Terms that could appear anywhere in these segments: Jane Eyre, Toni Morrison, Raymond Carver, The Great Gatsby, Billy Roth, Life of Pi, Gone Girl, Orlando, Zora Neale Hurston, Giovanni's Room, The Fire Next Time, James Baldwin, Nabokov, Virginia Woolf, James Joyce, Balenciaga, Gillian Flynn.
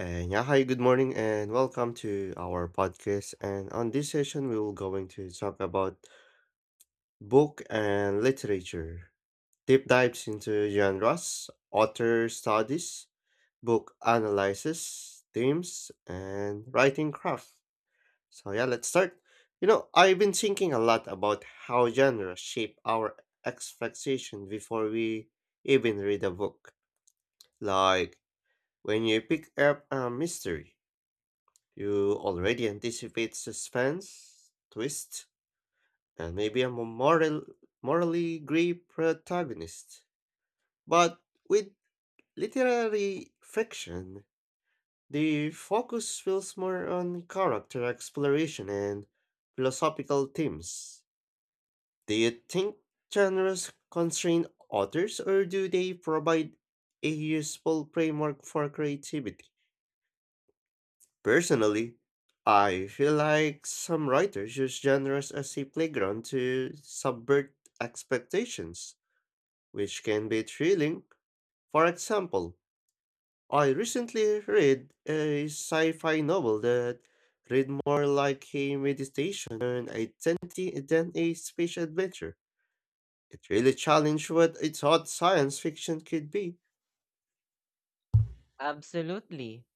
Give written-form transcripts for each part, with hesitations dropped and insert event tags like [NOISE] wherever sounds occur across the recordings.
And yeah, hi, good morning, and welcome to our podcast. And on this session, we will going to talk about book and literature, deep dives into genres, author studies, book analysis, themes, and writing craft. So yeah, let's start. You know, I've been thinking a lot about how genres shape our expectation before we even read a book. Like when you pick up a mystery. You already anticipate suspense, twist, and maybe a morally gray protagonist. But with literary fiction, the focus feels more on character exploration and philosophical themes. Do you think genres constrain authors, or do they provide a useful framework for creativity? Personally, I feel like some writers use genres as a playground to subvert expectations, which can be thrilling. For example, I recently read a sci fi novel that read more like a meditation on identity than a space adventure. It really challenged what I thought science fiction could be. Absolutely.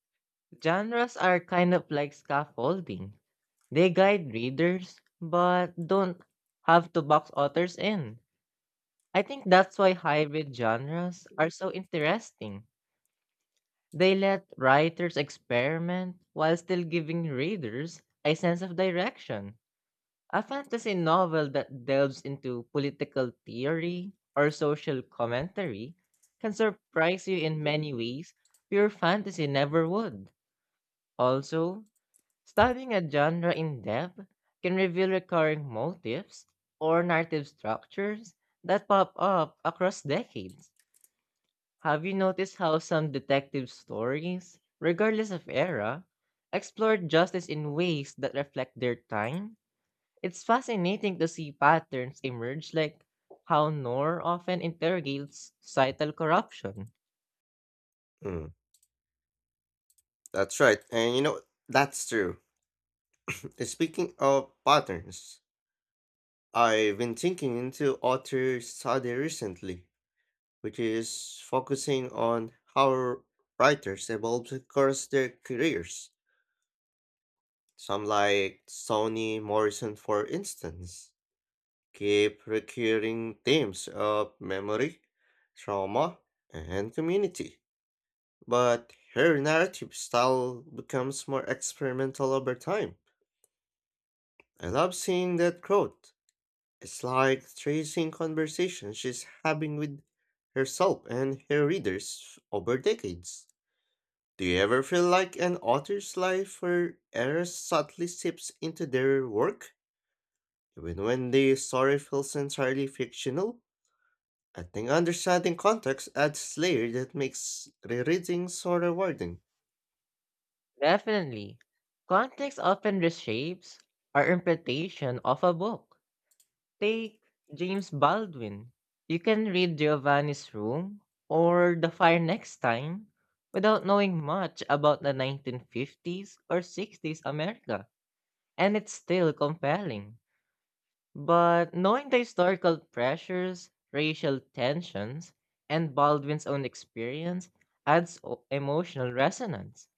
Genres are kind of like scaffolding. They guide readers, but don't have to box authors in. I think that's why hybrid genres are so interesting. They let writers experiment while still giving readers a sense of direction. A fantasy novel that delves into political theory or social commentary can surprise you in many ways pure fantasy never would. Also, studying a genre in depth can reveal recurring motifs or narrative structures that pop up across decades. Have you noticed how some detective stories, regardless of era, explore justice in ways that reflect their time? It's fascinating to see patterns emerge, like how noir often interrogates societal corruption. Mm, that's right, and you know, that's true. [LAUGHS] Speaking of patterns, I've been thinking into author study recently, which is focusing on how writers evolve across their careers. Some like Toni Morrison, for instance, keep recurring themes of memory, trauma, and community. But her narrative style becomes more experimental over time. I love seeing that growth. It's like tracing conversations she's having with herself and her readers over decades. Do you ever feel like an author's life or error subtly seeps into their work, even when the story feels entirely fictional? I think understanding context adds layer that makes rereading so rewarding. Definitely, context often reshapes our interpretation of a book. Take James Baldwin. You can read Giovanni's Room or The Fire Next Time without knowing much about the 1950s or 60s America, and it's still compelling. But knowing the historical pressures, racial tensions, and Baldwin's own experience adds emotional resonance.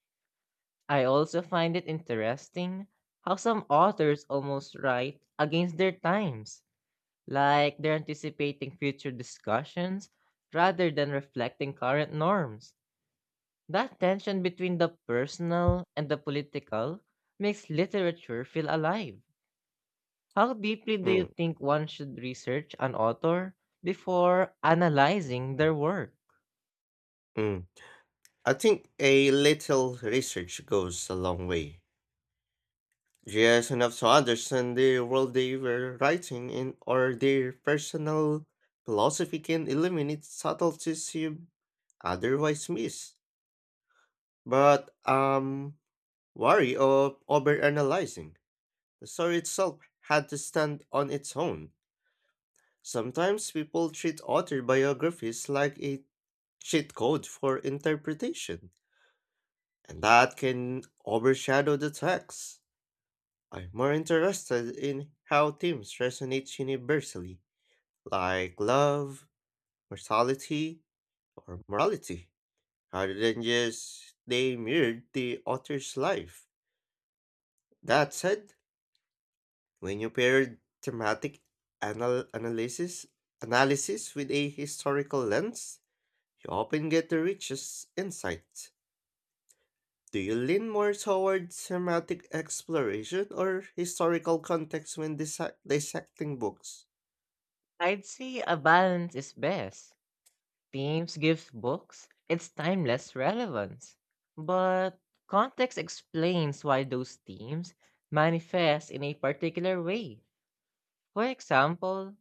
I also find it interesting how some authors almost write against their times, like they're anticipating future discussions rather than reflecting current norms. That tension between the personal and the political makes literature feel alive. How deeply do you Mm, think one should research an author before analyzing their work? mm. I think a little research goes a long way. Yes, enough to understand the world they were writing in or their personal philosophy can eliminate subtleties you otherwise miss. But worry of overanalyzing. The story itself had to stand on its own. Sometimes people treat author biographies like a cheat code for interpretation, and that can overshadow the text. I'm more interested in how themes resonate universally like love, mortality, or morality, rather than just they mirrored the author's life. That said, when you pair thematic anal- analysis analysis with a historical lens, you often get the richest insights. Do you lean more toward thematic exploration or historical context when dissecting books? I'd say a balance is best. Themes gives books its timeless relevance, but context explains why those themes manifest in a particular way. For example,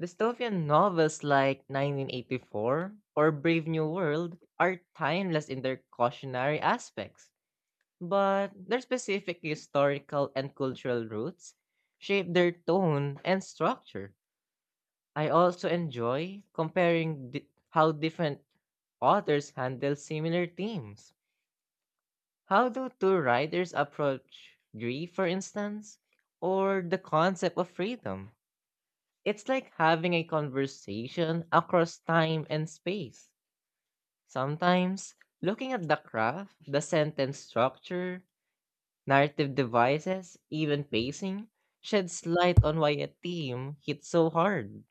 dystopian novels like 1984 or Brave New World are timeless in their cautionary aspects, but their specific historical and cultural roots shape their tone and structure. I also enjoy comparing how different authors handle similar themes. How do two writers approach grief, for instance, or the concept of freedom? It's like having a conversation across time and space. Sometimes, looking at the craft, the sentence structure, narrative devices, even pacing, sheds light on why a theme hits so hard.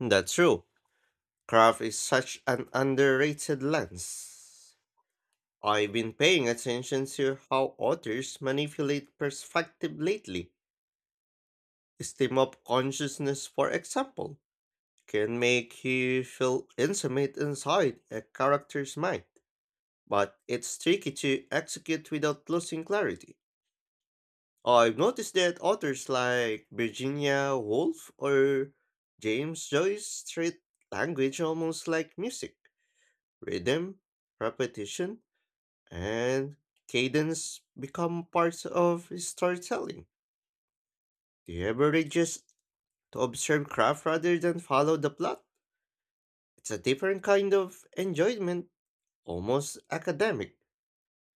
That's true. Craft is such an underrated lens. I've been paying attention to how authors manipulate perspective lately. Steam of consciousness, for example, can make you feel intimate inside a character's mind, but it's tricky to execute without losing clarity. I've noticed that authors like Virginia Woolf or James Joyce treat language almost like music, rhythm, repetition, and cadence become parts of storytelling. The you just to observe craft rather than follow the plot? It's a different kind of enjoyment, almost academic,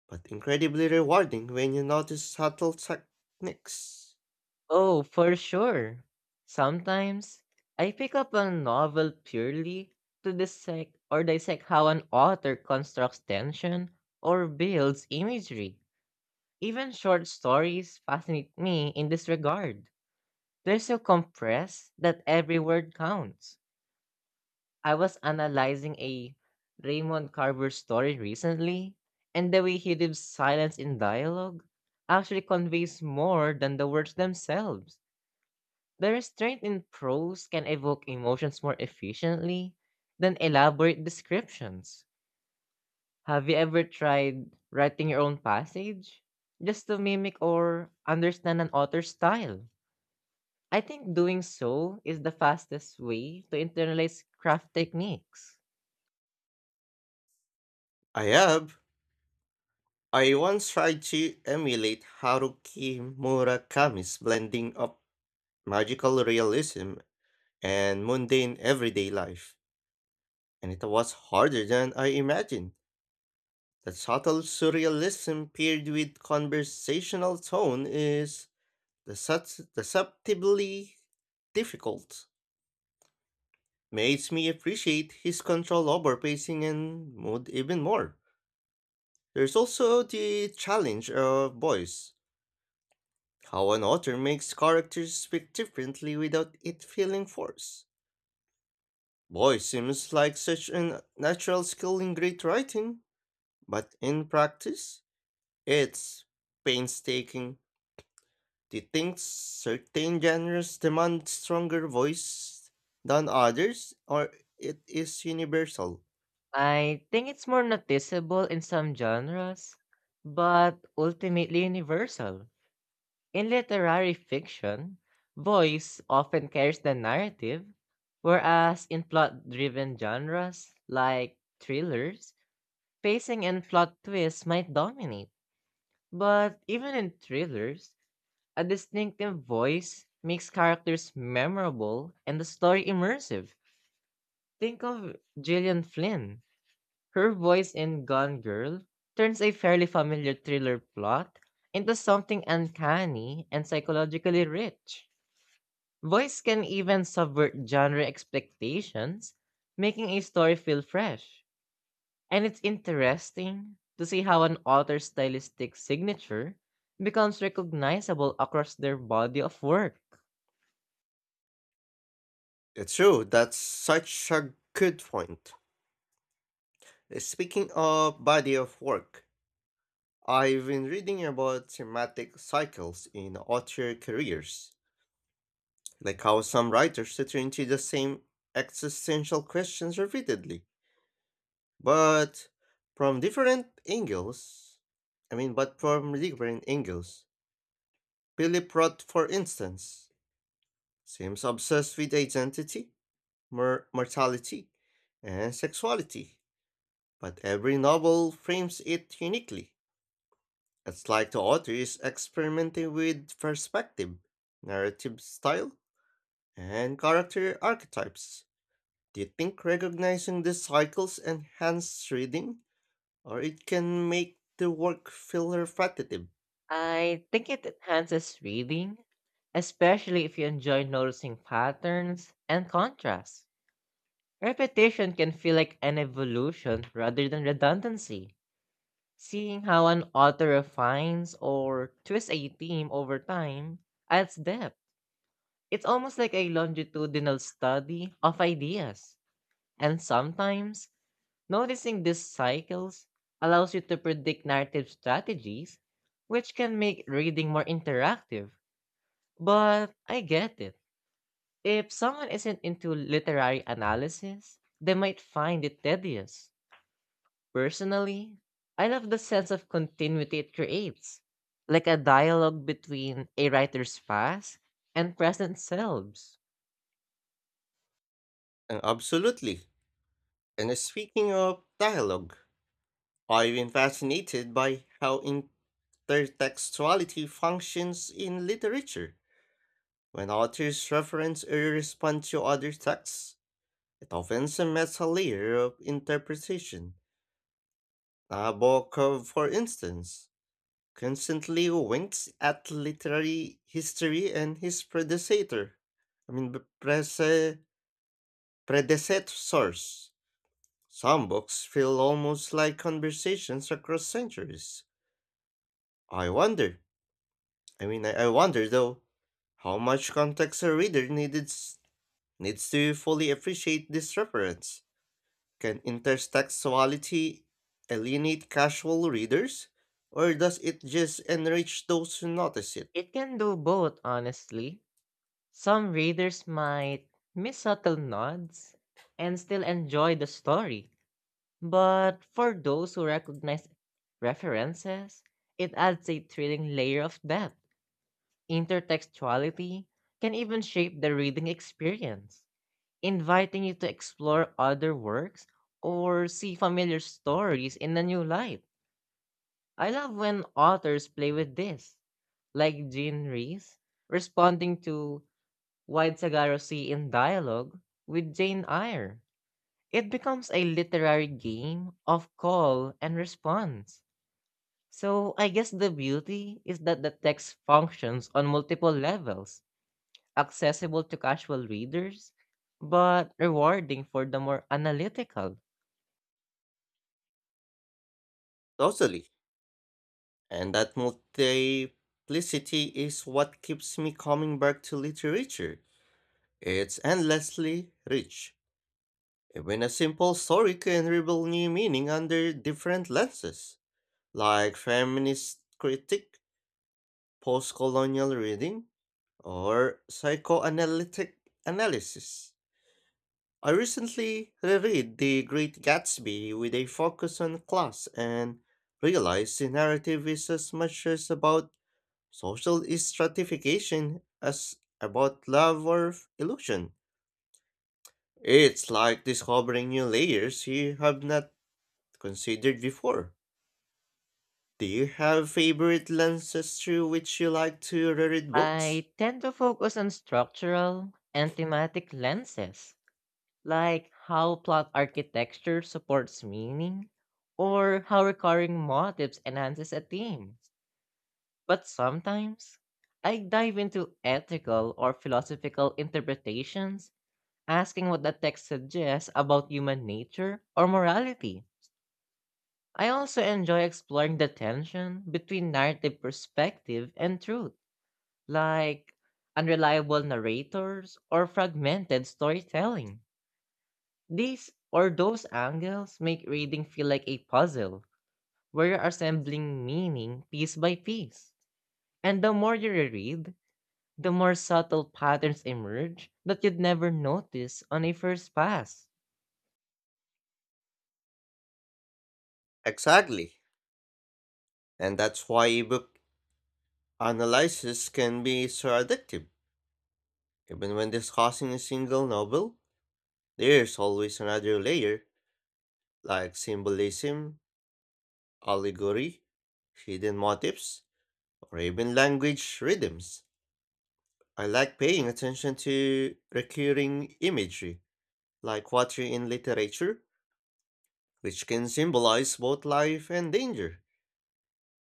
but incredibly rewarding when you notice subtle techniques. Oh, for sure. Sometimes, I pick up a novel purely to dissect how an author constructs tension or builds imagery. Even short stories fascinate me in this regard. They're so compressed that every word counts. I was analyzing a Raymond Carver story recently, and the way he lives silence in dialogue actually conveys more than the words themselves. The restraint in prose can evoke emotions more efficiently than elaborate descriptions. Have you ever tried writing your own passage just to mimic or understand an author's style? I think doing so is the fastest way to internalize craft techniques. I have. I once tried to emulate Haruki Murakami's blending of magical realism and mundane everyday life, and it was harder than I imagined. The subtle surrealism paired with conversational tone is deceptively difficult. Makes me appreciate his control over pacing and mood even more. There's also the challenge of voice. How an author makes characters speak differently without it feeling forced. Voice seems like such a natural skill in great writing, but in practice, it's painstaking. Do you think certain genres demand stronger voice than others, or it is universal? I think it's more noticeable in some genres, but ultimately universal. In literary fiction, voice often carries the narrative, whereas in plot driven genres like thrillers, pacing and plot twists might dominate. But even in thrillers, a distinctive voice makes characters memorable and the story immersive. Think of Gillian Flynn. Her voice in Gone Girl turns a fairly familiar thriller plot into something uncanny and psychologically rich. Voice can even subvert genre expectations, making a story feel fresh. And it's interesting to see how an author's stylistic signature becomes recognizable across their body of work. It's true, that's such a good point. Speaking of body of work, I've been reading about thematic cycles in author careers, like how some writers return to the same existential questions repeatedly, but from different angles. I mean, but from different angles. Billy Roth, for instance, seems obsessed with identity, mortality, and sexuality, but every novel frames it uniquely. It's like the author is experimenting with perspective, narrative style, and character archetypes. Do you think recognizing these cycles enhances reading, or it can make the work feel repetitive? I think it enhances reading, especially if you enjoy noticing patterns and contrasts. Repetition can feel like an evolution rather than redundancy. Seeing how an author refines or twists a theme over time adds depth. It's almost like a longitudinal study of ideas. And sometimes, noticing these cycles allows you to predict narrative strategies, which can make reading more interactive. But I get it. If someone isn't into literary analysis, they might find it tedious. Personally, I love the sense of continuity it creates, like a dialogue between a writer's past and present selves. And absolutely. And speaking of dialogue, I've been fascinated by how intertextuality functions in literature. When authors reference or respond to other texts, it often cements a layer of interpretation. Nabokov, for instance, constantly winks at literary history and his predecessor. I mean, b- prese- predecessors. Some books feel almost like conversations across centuries. I wonder I mean, I wonder though, how much context a reader needed needs to fully appreciate this reference. Can intertextuality alienate casual readers, or does it just enrich those who notice it? It can do both, honestly. Some readers might miss subtle nods and still enjoy the story, but for those who recognize references, it adds a thrilling layer of depth. Intertextuality can even shape the reading experience, inviting you to explore other works or see familiar stories in a new light. I love when authors play with this, like Jean Rees responding to why Sagaro See in dialogue with Jane Eyre. It becomes a literary game of call and response. So I guess the beauty is that the text functions on multiple levels accessible to casual readers, but rewarding for the more analytical. Totally. And that multiplicity is what keeps me coming back to literature. It's endlessly rich. Even a simple story can reveal new meaning under different lenses, like feminist critique postcolonial reading, or psychoanalytic analysis. I recently reread The Great Gatsby with a focus on class and realized the narrative is as much as about social stratification as about love or illusion. It's like discovering new layers you have not considered before. Do you have favorite lenses through which you like to reread books? I tend to focus on structural and thematic lenses, like how plot architecture supports meaning or how recurring motifs enhances a theme. But sometimes, I dive into ethical or philosophical interpretations, asking what the text suggests about human nature or morality. I also enjoy exploring the tension between narrative perspective and truth, like unreliable narrators or fragmented storytelling. These or those angles make reading feel like a puzzle where you're assembling meaning piece by piece. And the more you reread, the more subtle patterns emerge that you'd never notice on a first pass. Exactly. And that's why ebook analysis can be so addictive. Even when discussing a single novel, there's always another layer, like symbolism, allegory, hidden motifs, or even language rhythms. I like paying attention to recurring imagery, like water in literature, which can symbolize both life and danger.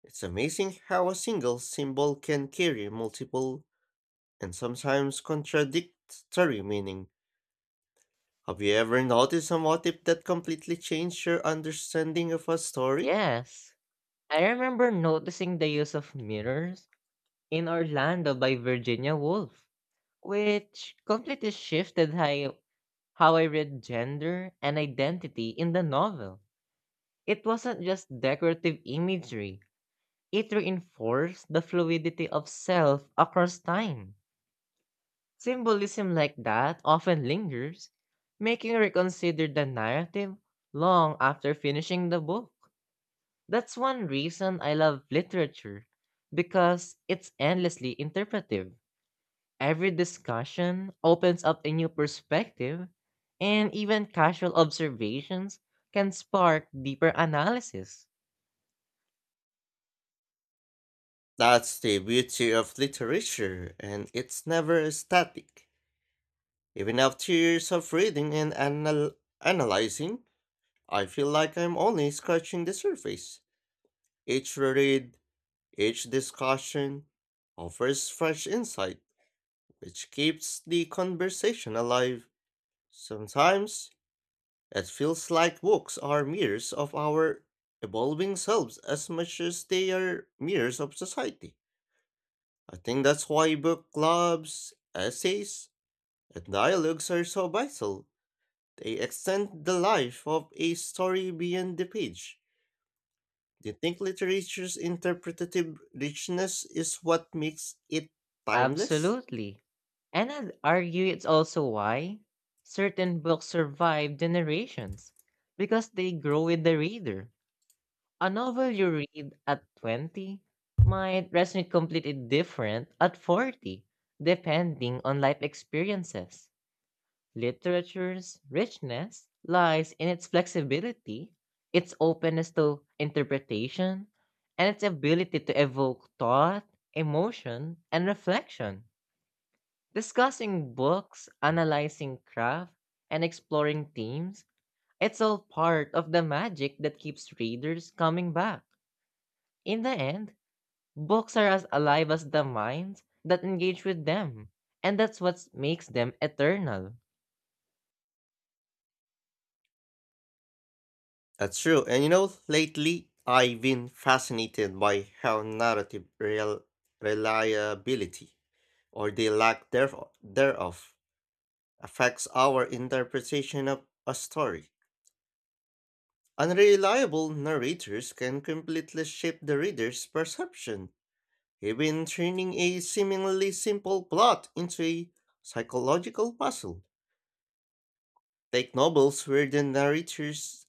It's amazing how a single symbol can carry multiple and sometimes contradictory meaning. Have you ever noticed a motif that completely changed your understanding of a story? Yes, I remember noticing the use of mirrors in Orlando by Virginia Woolf, which completely shifted how I read gender and identity in the novel. It wasn't just decorative imagery, it reinforced the fluidity of self across time. Symbolism like that often lingers, making you reconsider the narrative long after finishing the book. That's one reason I love literature, because it's endlessly interpretive. Every discussion opens up a new perspective, and even casual observations can spark deeper analysis. That's the beauty of literature, and it's never static. Even after years of reading and analyzing, I feel like I'm only scratching the surface. Each read, each discussion offers fresh insight, which keeps the conversation alive. Sometimes it feels like books are mirrors of our evolving selves as much as they are mirrors of society. I think that's why book clubs, essays, and dialogues are so vital. They extend the life of a story beyond the page. Do you think literature's interpretative richness is what makes it timeless? Absolutely. And I'd argue it's also why certain books survive generations because they grow with the reader. A novel you read at 20 might resonate completely different at 40, depending on life experiences. Literature's richness lies in its flexibility, its openness to interpretation, and its ability to evoke thought, emotion, and reflection. Discussing books, analyzing craft, and exploring themes, it's all part of the magic that keeps readers coming back. In the end, books are as alive as the minds that engage with them, and that's what makes them eternal. That's true. And you know, lately I've been fascinated by how narrative reliability or the lack thereof, affects our interpretation of a story. Unreliable narrators can completely shape the reader's perception, even turning a seemingly simple plot into a psychological puzzle. Take novels where the narrator's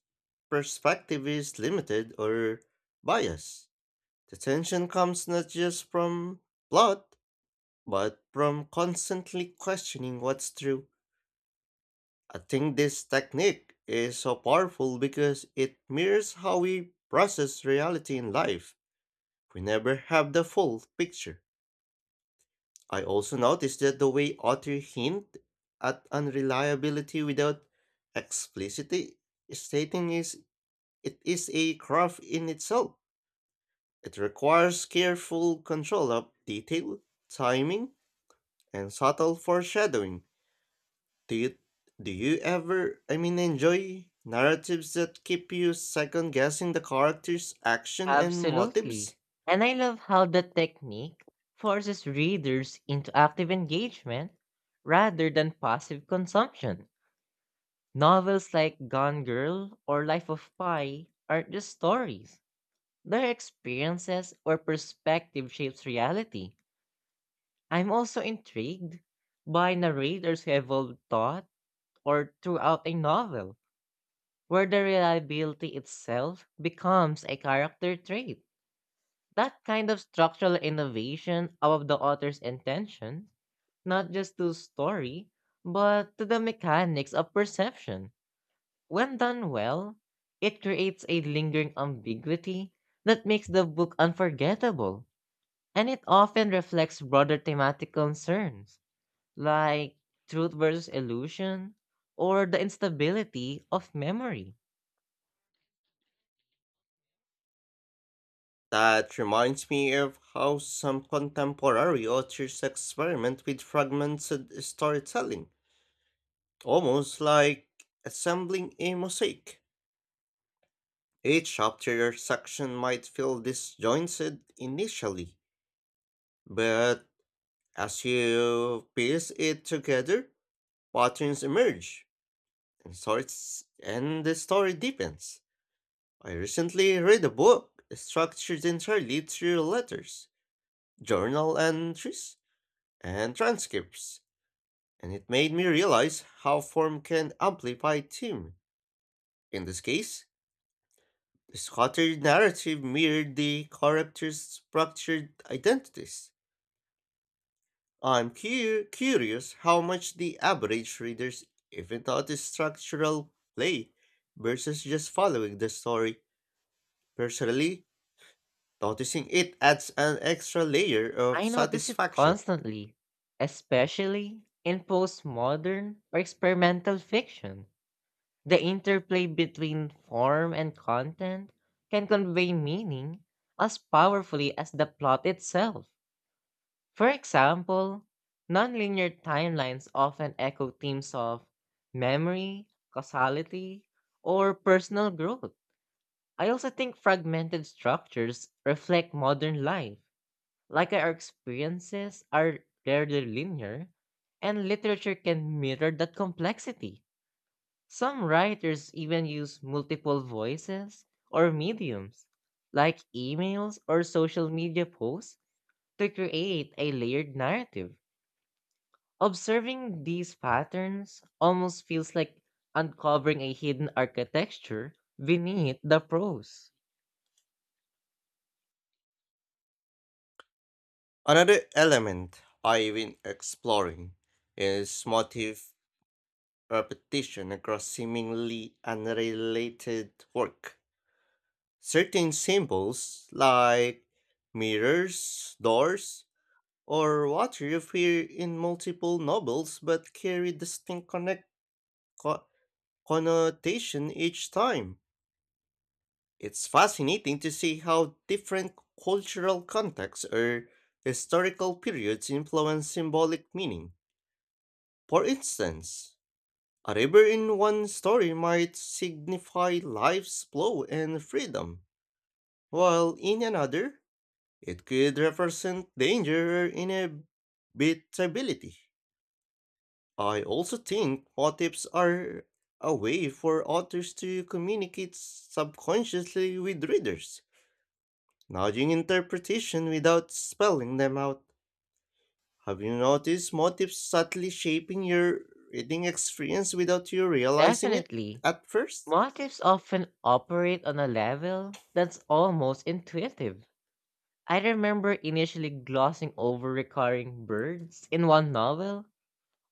perspective is limited or biased. The tension comes not just from plot, but from constantly questioning what's true. I think this technique is so powerful because it mirrors how we process reality in life. We never have the full picture. I also noticed that the way authors hint at unreliability without explicitly stating is it is a craft in itself. It requires careful control of detail, timing, and subtle foreshadowing. Do you do you ever, enjoy narratives that keep you second guessing the character's action and motives? Absolutely. And I love how the technique forces readers into active engagement rather than passive consumption. Novels like Gone Girl or Life of Pi aren't just stories. Their experiences or perspective shapes reality. I'm also intrigued by narrators who evolve thought or throughout a novel, where the reliability itself becomes a character trait. That kind of structural innovation out of the author's intention, not just to story, but to the mechanics of perception. When done well, it creates a lingering ambiguity that makes the book unforgettable, and it often reflects broader thematic concerns like truth versus illusion or the instability of memory. That reminds me of how some contemporary authors experiment with fragmented storytelling, almost like assembling a mosaic. Each chapter or section might feel disjointed initially, but as you piece it together, patterns emerge and sorts and the story deepens. I recently read a book structured entirely through letters, journal entries, and transcripts, and it made me realize how form can amplify theme. In this case, the scattered narrative mirrored the characters' structured identities. I'm curious how much the average readers even notice structural play versus just following the story. Personally, noticing it adds an extra layer of I notice it satisfaction. constantly, especially in postmodern or experimental fiction. The interplay between form and content can convey meaning as powerfully as the plot itself. For example, nonlinear timelines often echo themes of memory, causality, or personal growth. I also think fragmented structures reflect modern life, like our experiences are rarely linear, and literature can mirror that complexity. Some writers even use multiple voices or mediums, like emails or social media posts, to create a layered narrative. Observing these patterns almost feels like uncovering a hidden architecture beneath the prose. Another element I've been exploring is motif repetition across seemingly unrelated work. Certain symbols like mirrors, doors, or water appear in multiple novels but carry distinct co- connotation each time. It's fascinating to see how different cultural contexts or historical periods influence symbolic meaning. For instance, a river in one story might signify life's flow and freedom, while in another, it could represent danger or inevitability. I also think motifs are a way for authors to communicate subconsciously with readers nodding interpretation without spelling them out. Have you noticed motifs subtly shaping your reading experience without you realizing it Definitely, at first? motives often operate on a level that's almost intuitive. I remember initially glossing over recurring birds in one novel,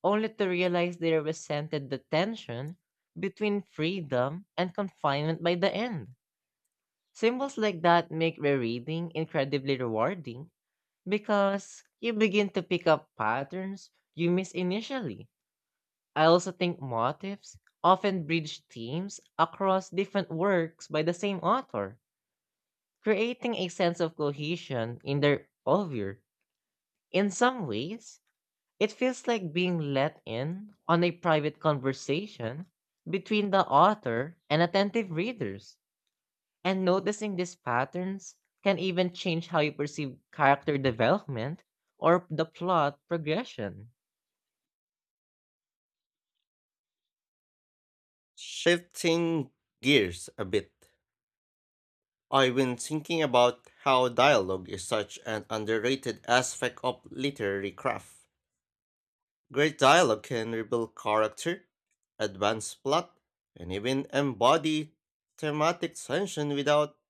only to realize they represented the tension between freedom and confinement by the end. Symbols like that make rereading incredibly rewarding because you begin to pick up patterns you missed initially. I also think motifs often bridge themes across different works by the same author, creating a sense of cohesion in their oeuvre. In some ways, it feels like being let in on a private conversation between the author and attentive readers, and noticing these patterns can even change how you perceive character development or the plot progression. Shifting gears a bit, I've been thinking about how dialogue is such an underrated aspect of literary craft. Great dialogue can reveal character, advance plot, and even embody thematic tension without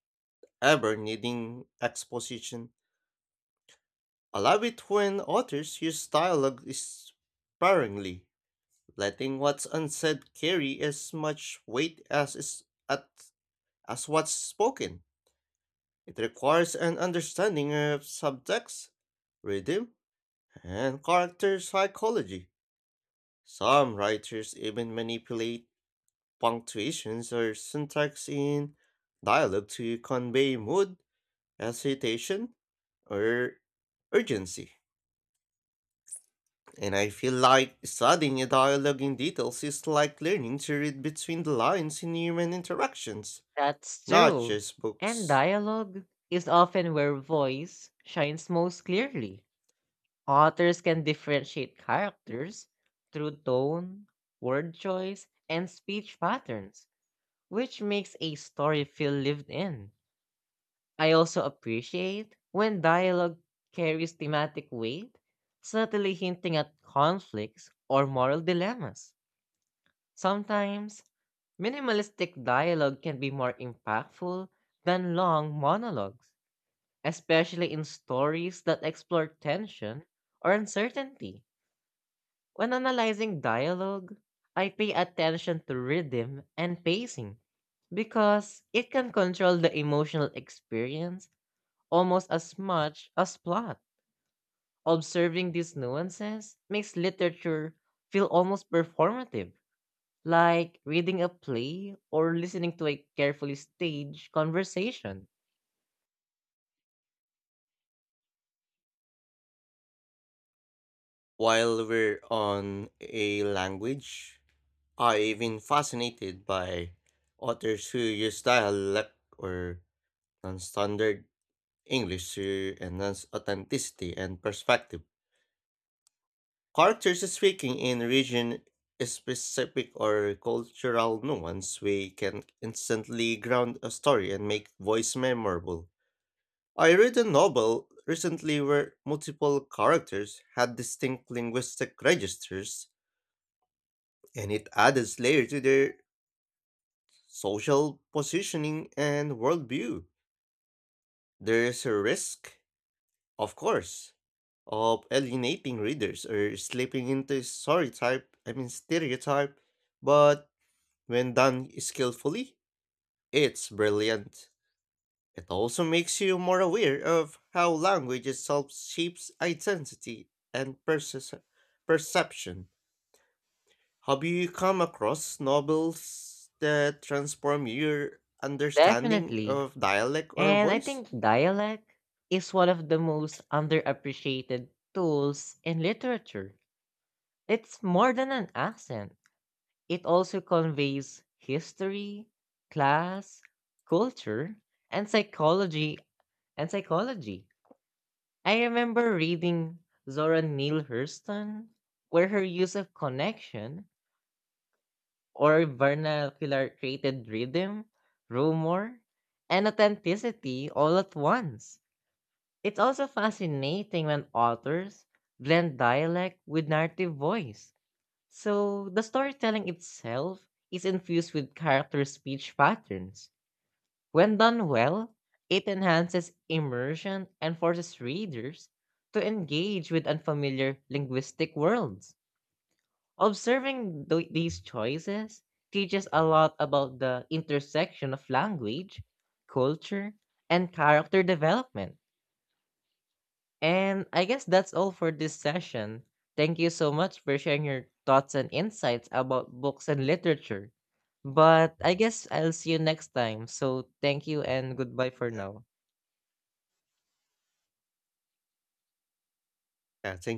ever needing exposition. I love it when authors use dialogue sparingly, letting what's unsaid carry as much weight as is at as what's spoken. It requires an understanding of subtext, rhythm, and character psychology. Some writers even manipulate punctuations or syntax in dialogue to convey mood, hesitation, or urgency. And I feel like studying a dialogue in details is like learning to read between the lines in human interactions, That's not true. just And books. dialogue is often where voice shines most clearly. Authors can differentiate characters through tone, word choice, and speech patterns, which makes a story feel lived in. I also appreciate when dialogue carries thematic weight, subtly hinting at conflicts or moral dilemmas. Sometimes, minimalistic dialogue can be more impactful than long monologues, especially in stories that explore tension or uncertainty. When analyzing dialogue, I pay attention to rhythm and pacing because it can control the emotional experience almost as much as plot. Observing these nuances makes literature feel almost performative, like reading a play or listening to a carefully staged conversation. While we're on a language, I've been fascinated by authors who use dialect or non standard English to enhance authenticity and perspective. Characters speaking in region specific or cultural nuance, we can instantly ground a story and make voice memorable. I read a novel recently where multiple characters had distinct linguistic registers, and it added layer to their social positioning and worldview. There is a risk, of course, of alienating readers or slipping into stereotype. But when done skillfully, it's brilliant. It also makes you more aware of how language itself shapes identity and perception. Have you come across novels that transform your understanding Definitely. of dialect or And I voice? think dialect is one of the most underappreciated tools in literature. It's more than an accent, it also conveys history, class, culture, and psychology and psychology. I remember reading Zora Neale Hurston where her use of connection or vernacular created rhythm, rumor, and authenticity all at once. It's also fascinating when authors blend dialect with narrative voice, so the storytelling itself is infused with character speech patterns. When done well, it enhances immersion and forces readers to engage with unfamiliar linguistic worlds. Observing these choices teaches a lot about the intersection of language, culture, and character development. And I guess that's all for this session. Thank you so much for sharing your thoughts and insights about books and literature. But I guess I'll see you next time. So thank you and goodbye for now. Yeah, thank